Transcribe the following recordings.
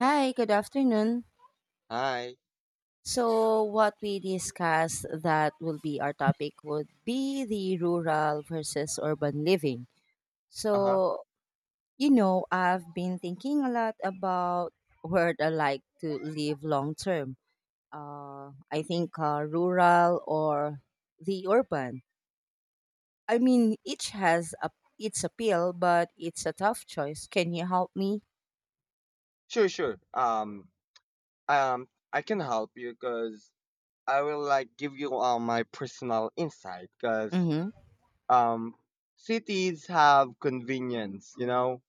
Hi, good afternoon. Hi. So, what we discussed that will be our topic would be the rural versus urban living. Uh-huh. So, I've been thinking a lot about where I like to live long term. I think rural or the urban. I mean, each has its appeal, but it's a tough choice. Can you help me? Sure, sure. Um, I can help you because I will like give you all my personal insight because Mm-hmm. um cities have convenience, you know,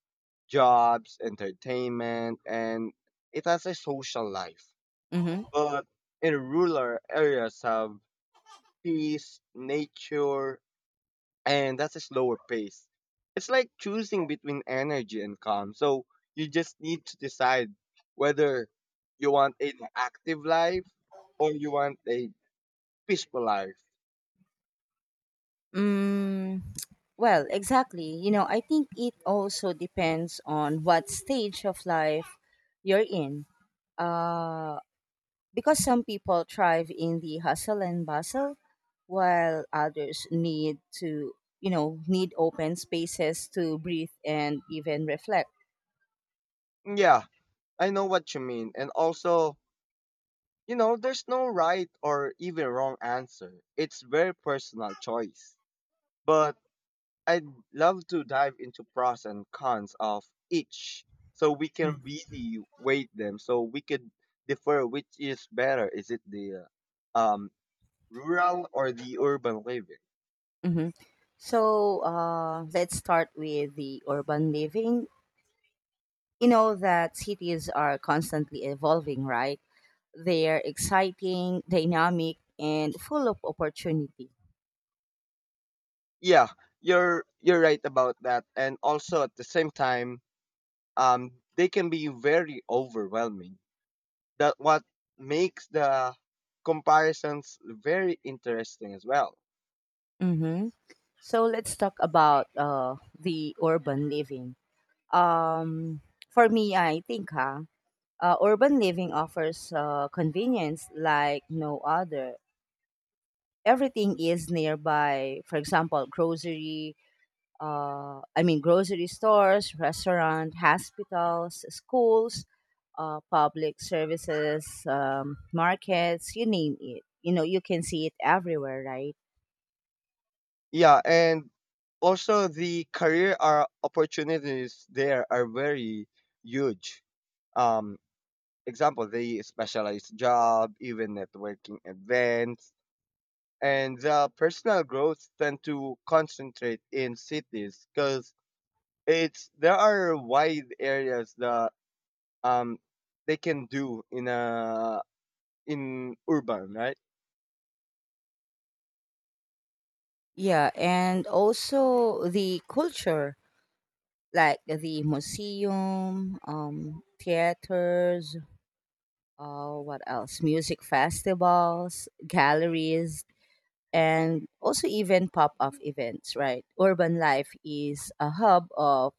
jobs, entertainment, and it has a social life. Mm-hmm. But in rural areas have peace, nature, and that's a slower pace. It's like choosing between energy and calm. So you just need to decide whether you want an active life or you want a peaceful life. Mm, well, exactly. You know, I think it also depends on what stage of life you're in. Uh, because some people thrive in the hustle and bustle, while others need to need open spaces to breathe and even reflect. Yeah, I know what you mean. And also, you know, there's no right or even wrong answer. It's very personal choice. But I'd love to dive into pros and cons of each so we can really weight them so we could defer which is better. Is it the uh, um, rural or the urban living? hmm So let's start with the urban living. You know that cities are constantly evolving, right? They're exciting, dynamic, and full of opportunity. Yeah, you're right about that. And also at the same time, um, they can be very overwhelming. That what makes the comparisons very interesting as well. Mm-hmm. So let's talk about the urban living. Um, for me, I think urban living offers convenience like no other. Everything is nearby. For example, grocery stores, restaurant, hospitals, schools, public services, markets, you name it. You know, you can see it everywhere, right? Yeah, and also the career are opportunities there are very huge. Um, example, the specialized job, even networking events, and the personal growth tend to concentrate in cities because it's there are wide areas that um they can do in a in urban, right? Yeah, and also the culture, like the museum, theaters, what else? Music festivals, galleries, and also even pop-up events, right? Urban life is a hub of,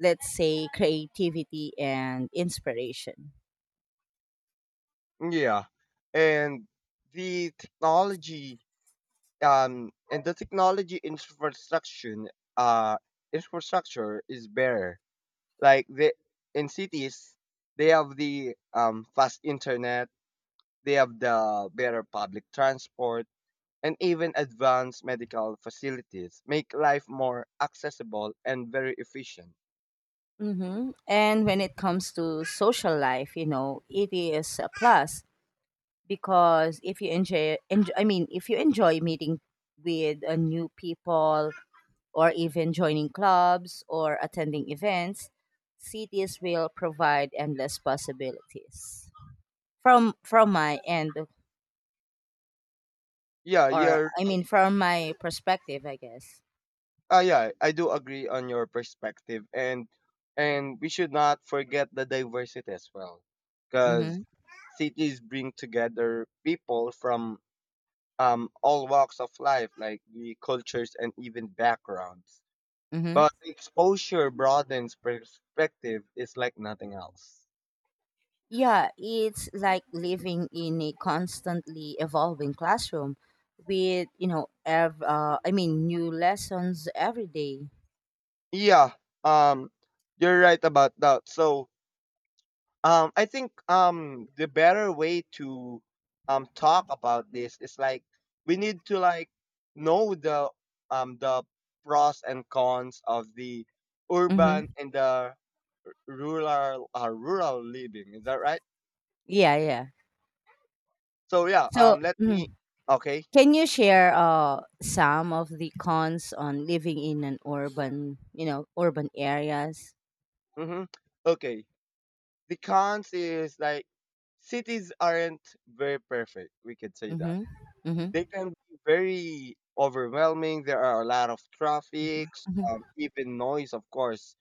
let's say, creativity and inspiration. Yeah, and the technology infrastructure uh infrastructure is better like the in cities they have the fast internet, they have the better public transport, and even advanced medical facilities make life more accessible and very efficient. Hmm. And when it comes to social life, you know, it is a plus because if you if you enjoy meeting with new people or even joining clubs or attending events, cities will provide endless possibilities. From my end, yeah or you're I mean, from my perspective, I guess. Yeah, I do agree on your perspective, and we should not forget the diversity as well, because Mm-hmm. cities bring together people from all walks of life, like the cultures and even backgrounds. Mm-hmm. But exposure broadens perspective is like nothing else. Yeah, it's like living in a constantly evolving classroom with, new lessons every day. Yeah, um, you're right about that. So I think the better way to talk about this is like we need to like know the um the pros and cons of the urban Mm-hmm. and the rural rural living. Is that right? Yeah, yeah. So yeah, So, let me mhm, Okay. can you share some of the cons on living in an urban areas? Mhm. Okay. The cons is like cities aren't very perfect. We could say that Mm-hmm. they Mm-hmm. can be very overwhelming. There are a lot of Mm-hmm. traffics, Mm-hmm. Even noise, of course.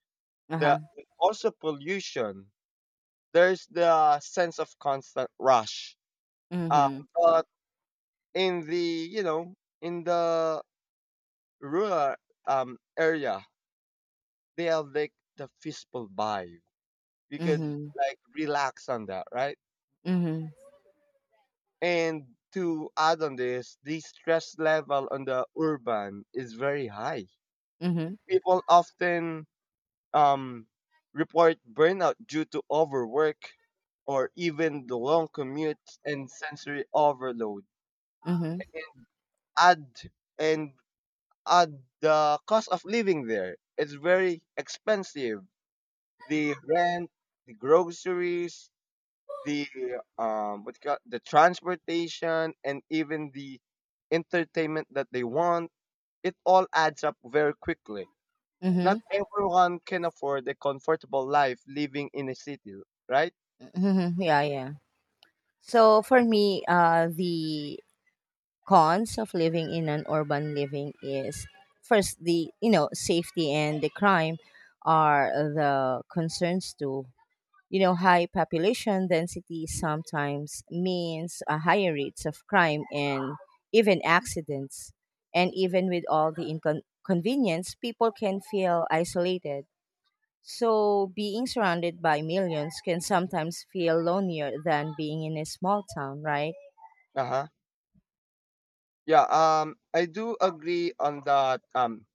The Uh-huh. also pollution. There's the sense of constant rush. Um, Mm-hmm. but in the, you know, in the rural area, they have like the peaceful vibe. You could Mm-hmm. like relax on that, right? Mm-hmm. And to add on this, the stress level on the urban is very high. Mm-hmm. People often um, report burnout due to overwork or even the long commutes and sensory overload. Mm-hmm. Add and Add the cost of living there. It's very expensive. The rent, the groceries, the what you call, the transportation, and even the entertainment that they want. It all adds up very quickly. Mm-hmm. Not everyone can afford a comfortable life living in a city, right? Mm-hmm. Yeah, yeah. So for me, the cons of living in an urban living is, first, the, you know, safety and the crime are the concerns too. You know, high population density sometimes means a higher rates of crime and even accidents, and even with all the inconvenience people can feel isolated. So being surrounded by millions can sometimes feel lonelier than being in a small town, right? Uh-huh. Yeah, I do agree on that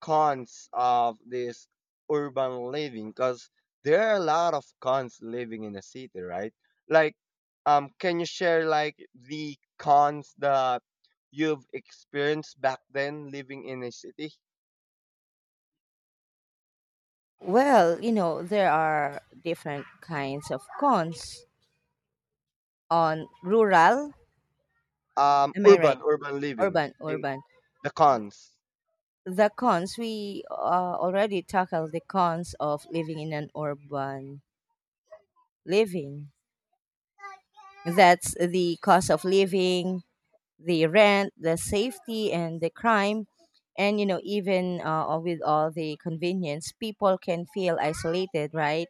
cons of this urban living cuz there are a lot of cons living in a city, right? Like can you share like the cons that you've experienced back then living in a city? Well, you know, there are different kinds of cons on rural, am I right? Urban urban living Urban, in urban. The cons. The cons, we already tackled the cons of living in an urban living. That's the cost of living, the rent, the safety, and the crime. And, you know, even with all the convenience, people can feel isolated, right?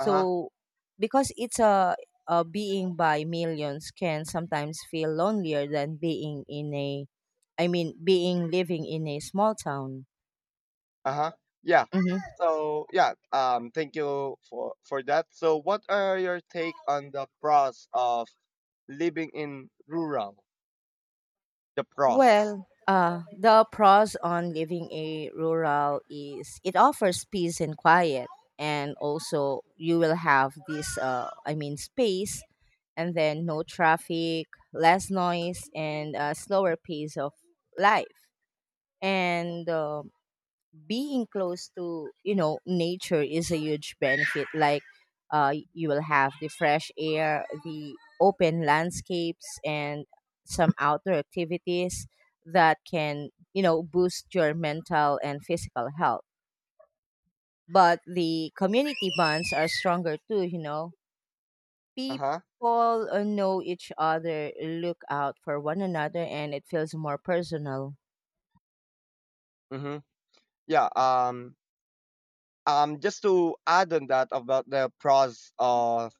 Uh-huh. because it's a being by millions can sometimes feel lonelier than being in a, I mean, being living in a small town. Uh-huh. Yeah. Mhm. So, yeah, thank you for that. So, what are your take on the pros of living in rural, the pros. Well, the pros on living a rural is it offers peace and quiet, and also you will have this, I mean, space, and then no traffic, less noise, and a slower pace of life. And being close to, you know, nature is a huge benefit. Like, you will have the fresh air, the open landscapes, and some outdoor activities that can, you know, boost your mental and physical health. But the community bonds are stronger too. You know, Uh-huh. people know each other, look out for one another, and it feels more personal. Mm-hmm. Yeah. Just to add on that about the pros of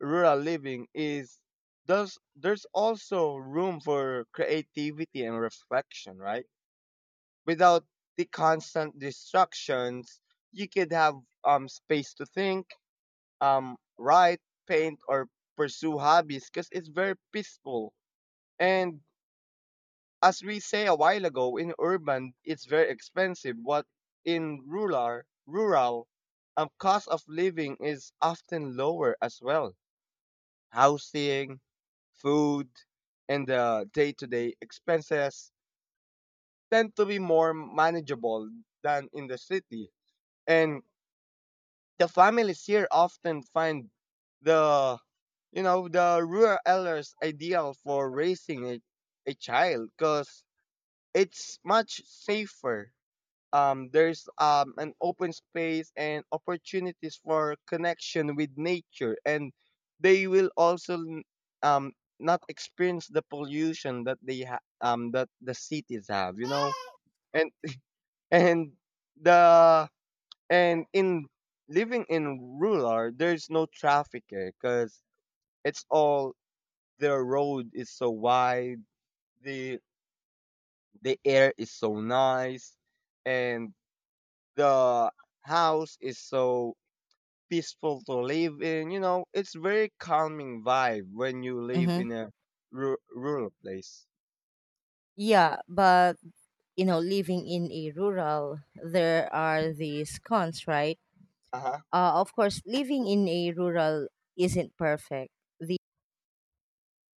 rural living is there's also room for creativity and reflection, right? Without the constant distractions, you could have space to think, write, paint, or pursue hobbies because it's very peaceful. And as we say a while ago, in urban it's very expensive, but in rural rural cost of living is often lower as well. Housing, food, and the day to day expenses tend to be more manageable than in the city. And the families here often find the, you know, the rural elders ideal for raising a child because it's much safer. There's An open space and opportunities for connection with nature, and they will also um, not experience the pollution that that the cities have, you know. And and the and in living in rural there's no traffic here because it's all, the road is so wide, the the air is so nice, and the house is so peaceful to live in. You know, it's very calming vibe when you live Hmm. in a rural place. Yeah, but you know, living in a rural there are these cons, right? Uh huh. Of course living in a rural isn't perfect. the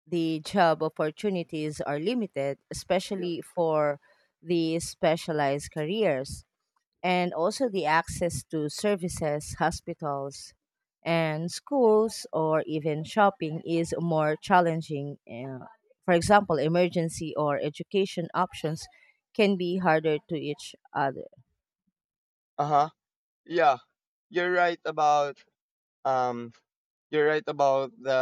the job opportunities are limited, Yeah. especially for the specialized careers, and also the access to services, hospitals, and schools or even shopping is more challenging. For example, emergency or education options can be harder to each other. Uh huh. Yeah, you're right about um. you're right about the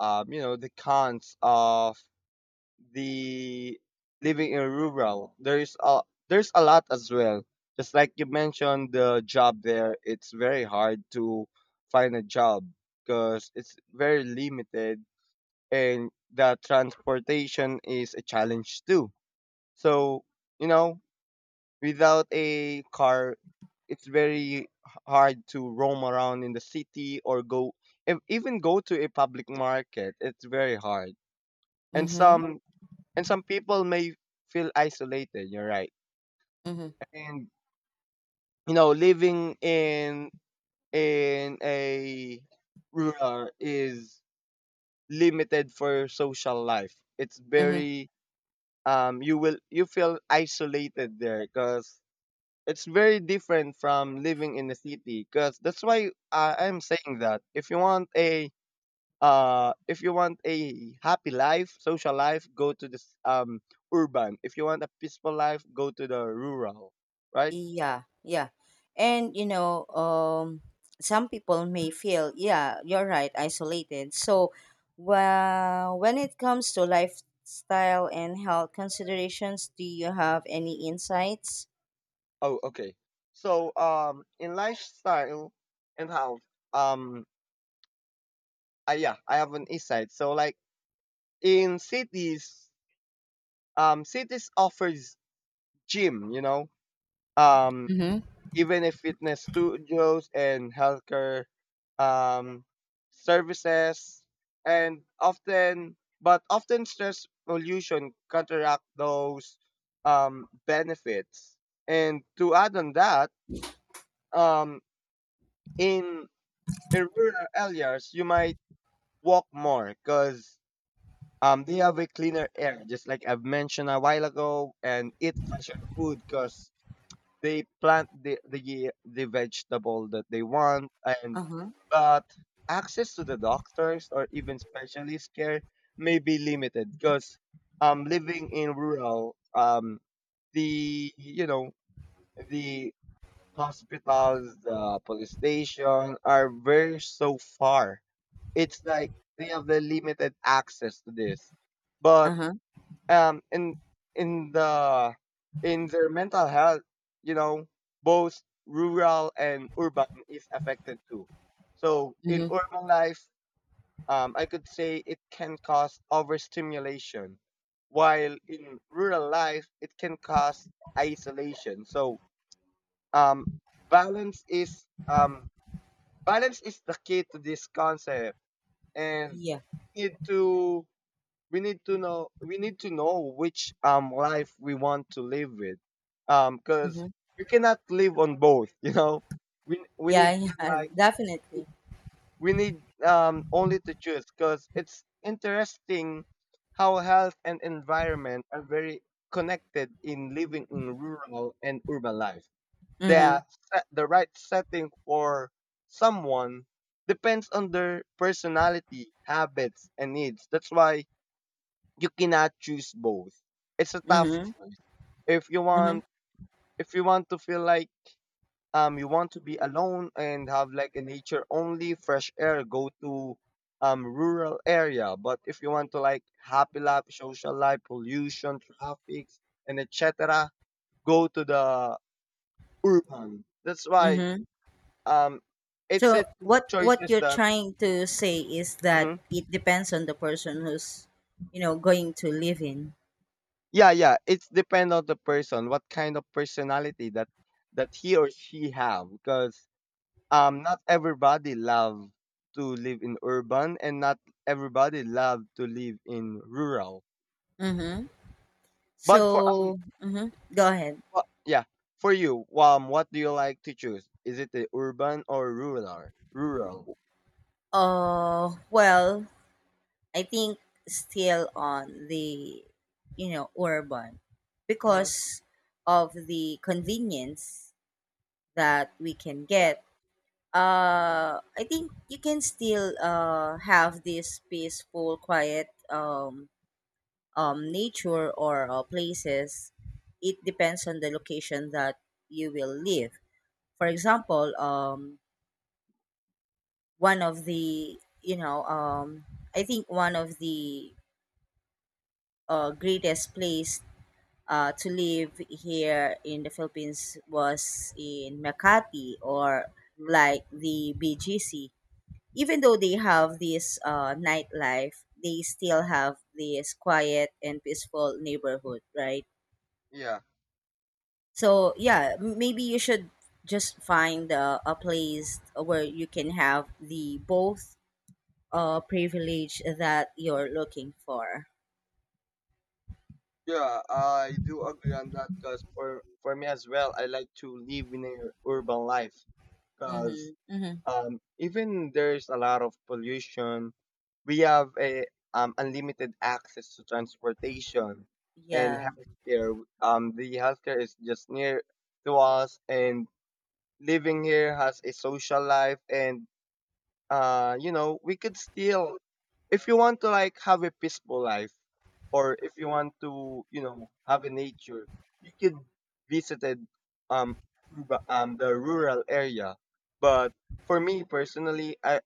You know, the cons of the living in rural. There's a lot as well. Just like you mentioned, the job there it's very hard to find a job because it's very limited, and the transportation is a challenge too. So, you know, without a car, it's very hard to roam around in the city or go even go to a public market. It's very hard. And Mhm. some and some people may feel isolated, you're right. Mhm. And you know, living in a rural is limited for social life. It's Mhm. very you feel isolated there because it's very different from living in the city. Because that's why I'm saying that if you want a happy life, social life, go to this urban. If you want a peaceful life, go to the rural, right? Yeah, yeah. And you know, some people may feel, yeah, you're right, isolated. So, well, when it comes to lifestyle and health considerations, do you have any insights? Oh, okay. So in lifestyle and health um yeah, I have an insight. So like in cities cities offers gym, you know, um, Mhm. even if fitness studios and healthcare um, services, and often, but often stress pollution counteract those benefits. And to add on that, um, in, in rural areas, you might walk more because they have a cleaner air, just like I've mentioned a while ago, and eat fresher food because they plant the, the vegetable that they want. And Uh-huh. but access to the doctors or even specialist care may be limited because living in rural the you know the hospitals, the police station are very so far. It's like they have the limited access to this. But Uh-huh. um in in the in their mental health, you know, both rural and urban is affected too. So in Mhm. urban life, I could say it can cause overstimulation, while in rural life it can cause isolation. So um, balance is um, balance is the key to this concept. And Yeah. need to we need to know, which life we want to live with, because Mm-hmm. we cannot live on both you know. We Yeah, need to, yeah, like, definitely. we need only to choose, because it's interesting how health and environment are very connected in living in rural and urban life. They Mm-hmm. are set, the right setting for someone depends on their personality, habits and needs. That's why you cannot choose both. It's a tough Mm-hmm. choice. If you Mm-hmm. want, if you want to feel like, you want to be alone and have like a nature only, fresh air, go to rural area. But if you want to like happy life, social life, pollution, traffic and etc., go to the urban. That's why Mm-hmm. um it's a So, two what choices you're that. trying to say is that Mhm. it depends on the person who's, you know, going to live in. Yeah, yeah. It's depend on the person, what kind of personality that that he or she have, because not everybody love to live in urban and not everybody love to live in rural. Mm-hmm. But for So, mm-hmm, go ahead. wha- yeah for you, what do you like to choose, is it the urban or rural? rural Well, I think still on the, you know, urban, mm-hmm. because of the convenience that we can Yeah. get. I think you can still have this peaceful, quiet nature or places. It depends on the location that you will live. For example, one of the, you know, I think one of the greatest place to live here in the Philippines was in Makati or Mhm. like the BGC. Even though they have this nightlife, they still have this quiet and peaceful neighborhood, right? Yeah, So yeah, maybe you should just find a place where you can have the both privilege that you're looking for. yeah, I do agree on that, because for me as well I like to live in a urban life, cause. Mm-hmm. Mm-hmm. Even there's a lot of pollution, we have a unlimited access to transportation and Yeah. healthcare. The healthcare is just near to us, and living here has a social life. And you know, we could still, if you want to like have a peaceful life, or if you want to, you know, have a nature, you could visited um, the rural area. But for me personally, I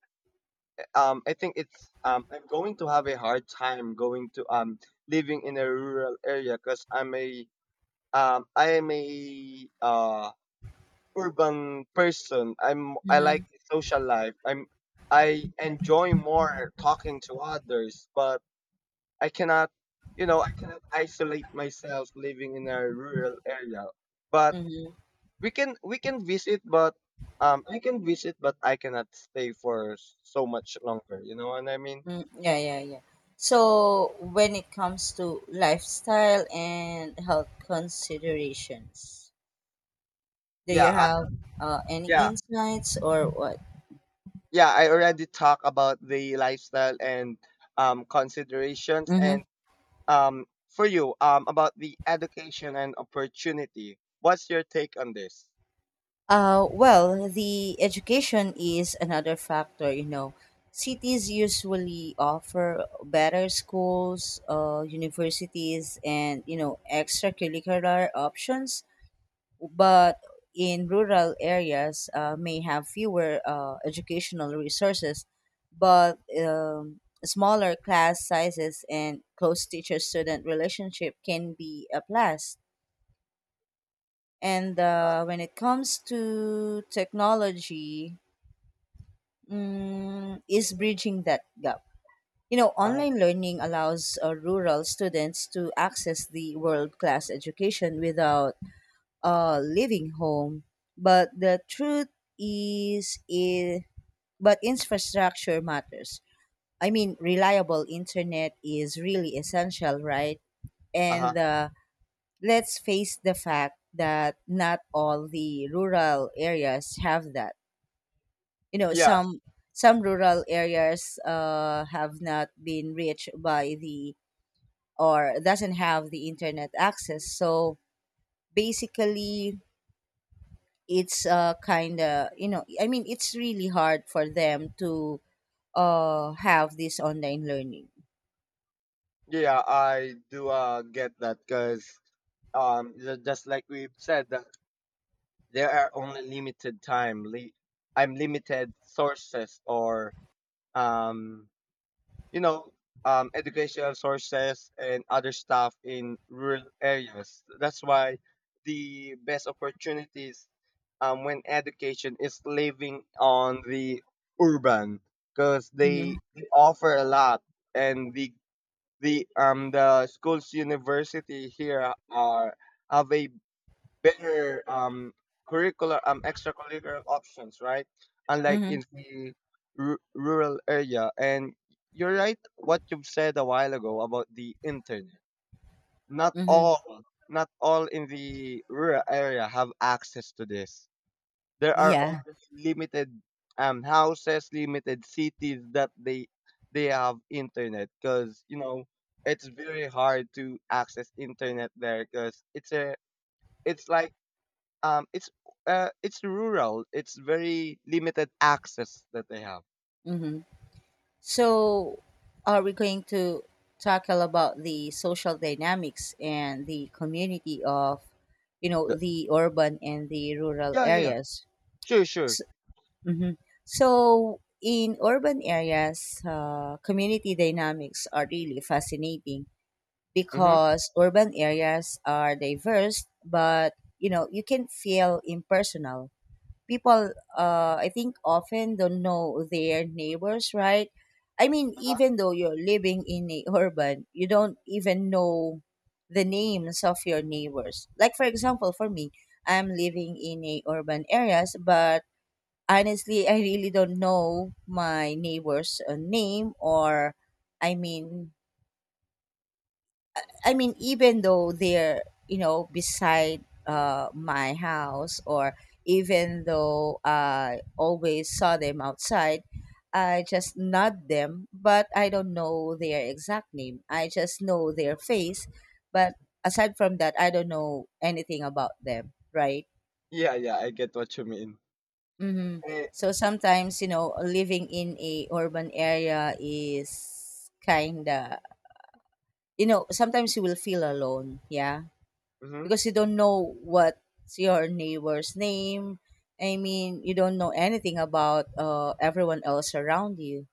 um, I think it's I'm going to have a hard time going to living in a rural area because I'm a I am a urban person. I like Mm-hmm. social life. I enjoy more talking to others, but I cannot, you know, I cannot isolate myself living in a rural area. But Mm-hmm. We can visit, but I can visit, but I cannot stay for so much longer. You know what I mean? Mm, yeah, yeah, yeah. So when it comes to lifestyle and health considerations, do you Yeah. have any Yeah, insights or what? yeah, I already talked about the lifestyle and considerations. Mm-hmm. And for you, about the education and opportunity, what's your take on this? Well, the education is another factor, you know. Cities usually offer better schools, universities, and, you know, extracurricular options, but in rural areas may have fewer educational resources, but smaller class sizes and close teacher-student relationship can be a plus. And when it comes to technology, mm, is bridging that gap. You know, Uh-huh. online learning allows rural students to access the world class education without leaving home. But the truth is, I- but infrastructure matters. I mean, reliable internet is really essential, right? Uh-huh. And let's face the fact that not all the rural areas have that. You know, Yeah, some rural areas have not been reached by the, or doesn't have the internet access, so basically it's, kind of, you know, I mean, it's really hard for them to have this online learning. yeah, I do get that because just like we've said, that there are only limited time. I'm limited sources or um, you know, educational sources and other stuff in rural areas. That's why the best opportunities when education is living on the urban because Mm-hmm. they offer a lot. And the schools university here are have a better curricular extracurricular options, right? Unlike Mm-hmm. in the rural area. And you're right what you've said a while ago about the internet. not Mm-hmm. all not all in the rural area have access to this. There are Yeah. only limited houses, limited cities that they have internet. Because you know it's very hard to access internet there because it's a it's like um, it's it's rural. It's very limited access that they have. Mm-hmm. So, are we going to tackle about the social dynamics and the community of, you know, The, the urban and the rural yeah, yeah, yeah, areas? sure, sure. So, hmm, so in urban areas, community dynamics are really fascinating Mm-hmm. because urban areas are diverse, but you know, you can feel impersonal. People, I think, often don't know their neighbors, right? I mean, even though you're living in a urban, you don't even know the names of your neighbors. Like, for example, for me, I'm living in a urban areas, but honestly I really don't know my neighbors name, or I mean, I mean, even though they're, you know, beside my house, or even though I always saw them outside, I just nod them, but I don't know their exact name. I just know their face, but aside from that, I don't know anything about them, right? Yeah, yeah, I get what you mean. Mm-hmm. Eh, So sometimes, you know, living in a urban area is kinda, you know, sometimes you will feel alone, yeah. hmm Because you don't know what's your neighbor's name. I mean, you don't know anything about everyone else around you.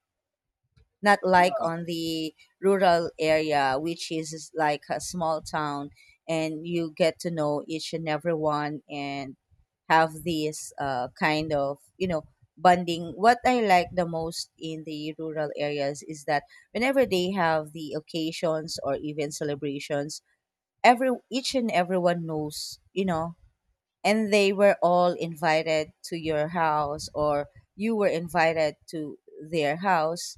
Not like Yeah, on the rural area, which is like a small town, and you get to know each and everyone and have this, kind of, you know, bonding. What I like the most in the rural areas is that whenever they have the occasions or even celebrations, every each and everyone knows, you know, and they were all invited to your house or you were invited to their house.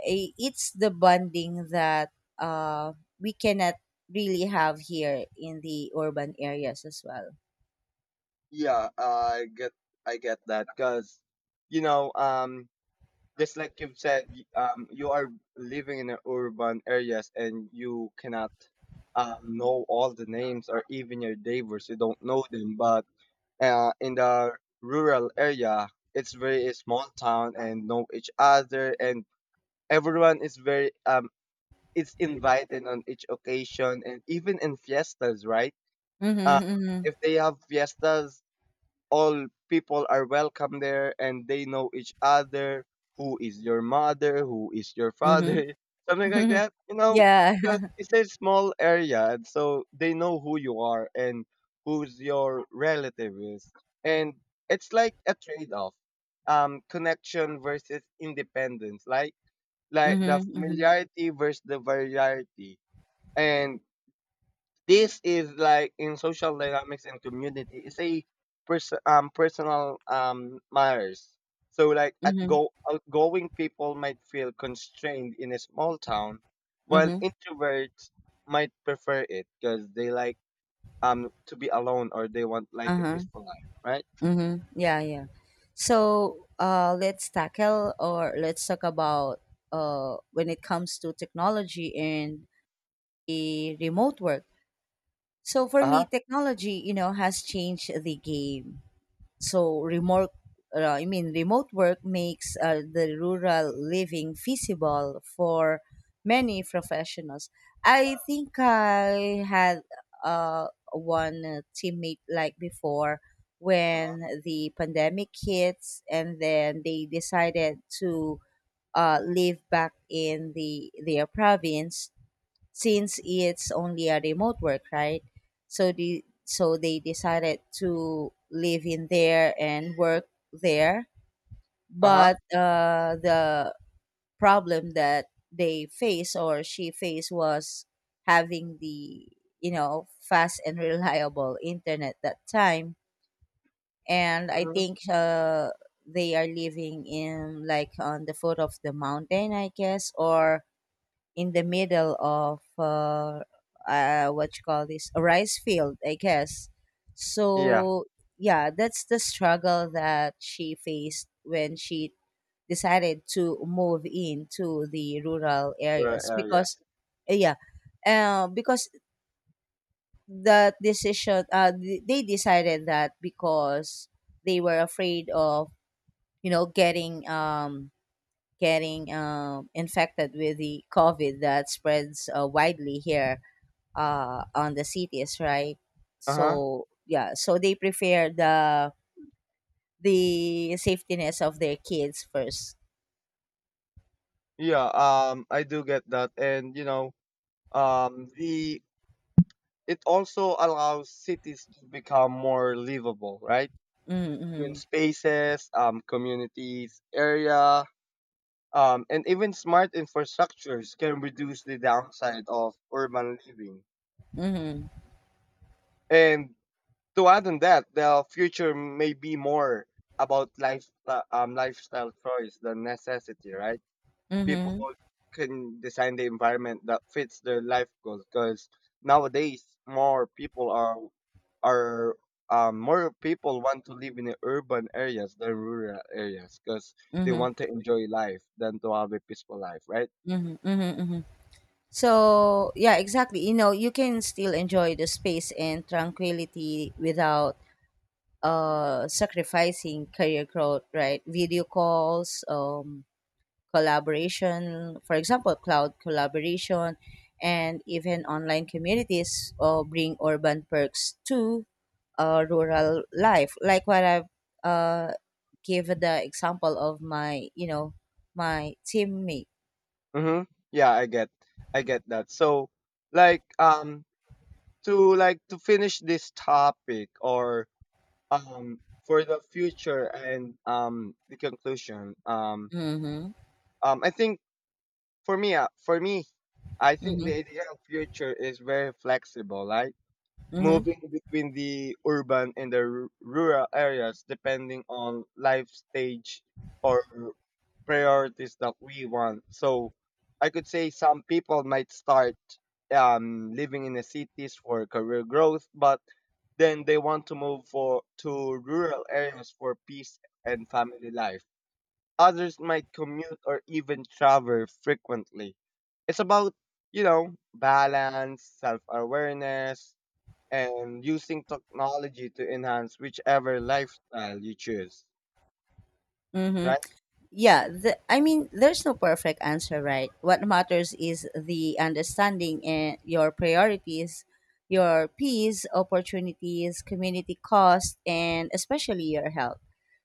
It's the bonding that uh, we cannot really have here in the urban areas as well. yeah, I get that because, you know, um, just like you've said, you are living in a urban areas and you cannot know all the names or even your neighbors. You don't know them. But in the rural area, it's very small town and know each other, and everyone is very is invited on each occasion and even in fiestas, right? Um, Mm-hmm, mm-hmm, if they have fiestas, all people are welcome there and they know each other, who is your mother, who is your father, something like mm-hmm. that, you know, Yeah. because it's a small area and so they know who you are and who's your relative is. And it's like a trade-off, connection versus independence, like the Mm-hmm, mm-hmm, familiarity versus the variety. And this is like in social dynamics and community. It's a personal matters. So like at mm-hmm, go outgoing people might feel constrained in a small town, while mm-hmm. introverts might prefer it because they like to be alone, or they want like a Uh-huh. peaceful life, right? Mm-hmm. Yeah, yeah. So let's tackle, or let's talk about when it comes to technology and the remote work. So for Uh me, huh. technology, you know, has changed the game. So remote work makes the rural living feasible for many professionals. I think I had one teammate like before Uh when huh. the pandemic hits, and then they decided to live back in the their province since it's only a remote work, right? So the so they decided to live in there and work there. Uh huh. But the problem that they faced or she faced was having the, you know, fast and reliable internet that time. And I Hmm. think they are living in like on the foot of the mountain, I guess, or in the middle of what you call this, a rice field, I guess. Yeah. So yeah, that's the struggle that she faced when she decided to move into the rural Rural areas areas. because yeah, because they decided that because they were afraid of, you know, getting infected with the COVID that spreads widely here on the cities, right? Uh huh. So yeah, so they prefer the safetiness of their kids first. Yeah. I do get that. And you know, the it also allows cities to become more livable, right? Green Mm-hmm. spaces, communities, area, and even smart infrastructures can reduce the downside of urban living. Mm-hmm. And to add on that, the future may be more about lifestyle choice than necessity, right? Mm-hmm. People can design the environment that fits their life goals, because nowadays more people are more people want to live in the urban areas than rural areas because they Mm-hmm. want to enjoy life than to have a peaceful life, right? Mm-hmm. Mm-hmm. Mm-hmm. So yeah, exactly. You know, you can still enjoy the space and tranquility without sacrificing career growth, right? Video calls, collaboration, for example, cloud collaboration, and even online communities bring urban perks to rural life. Like what I've, uh, give the example of my, you know, my teammate. Mm-hmm. Yeah, I get that. So, like, to like to finish this topic or um for the future and the conclusion, Mm-hmm. I think for me, I think the Mm-hmm. idea of future is very flexible. Like Mm-hmm. moving between the urban and the rural areas depending on life stage or priorities that we want. So I could say some people might start living in the cities for career growth, but then they want to move for to rural areas for peace and family life. Others might commute or even travel frequently. It's about, you know, balance, self awareness, and using technology to enhance whichever lifestyle you choose, Mm-hmm. right? Yeah, the, I mean, there's no perfect answer, right? What matters is the understanding and your priorities, your peace, opportunities, community cost, and especially your health.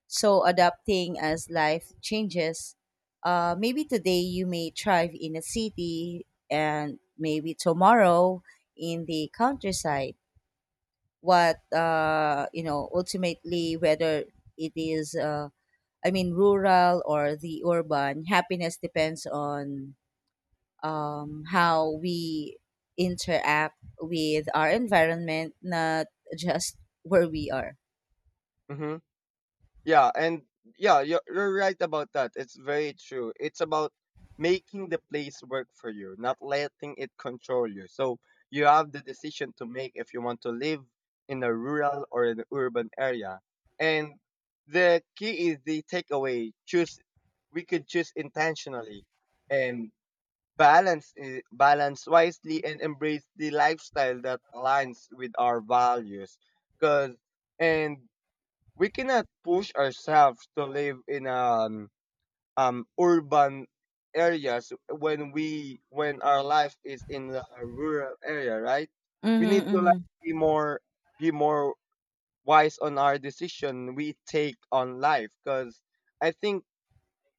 So, adapting as life changes. Maybe today you may thrive in a city, and maybe tomorrow in the countryside. What, you know, ultimately, whether it is, rural or the urban, happiness depends on how we interact with our environment, not just where we are. Hmm. Yeah, and yeah, you're right about that. It's very true. It's about making the place work for you, not letting it control you. So you have the decision to make if you want to live in a rural or an urban area. And the key is the takeaway. Choose, we could choose intentionally. And balance, balance wisely, and embrace the lifestyle that aligns with our values. Cause and we cannot push ourselves to live in urban areas when our life is in the rural area, right? We need to Mm-hmm, hmm, like be more wise on our decision we take on life. Cause I think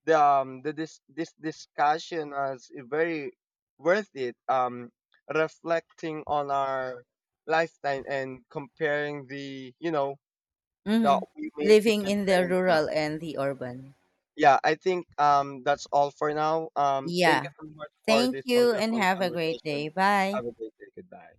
the this discussion as very worth it, um, reflecting on our lifetime and comparing the, you know, that hmm. we make the Living in the comparing the, rural and the urban. yeah I think that's all for now. Um, thank Yeah. you so much for Thank this you and wonderful have a great conversation. day. Bye. Have a great day, goodbye.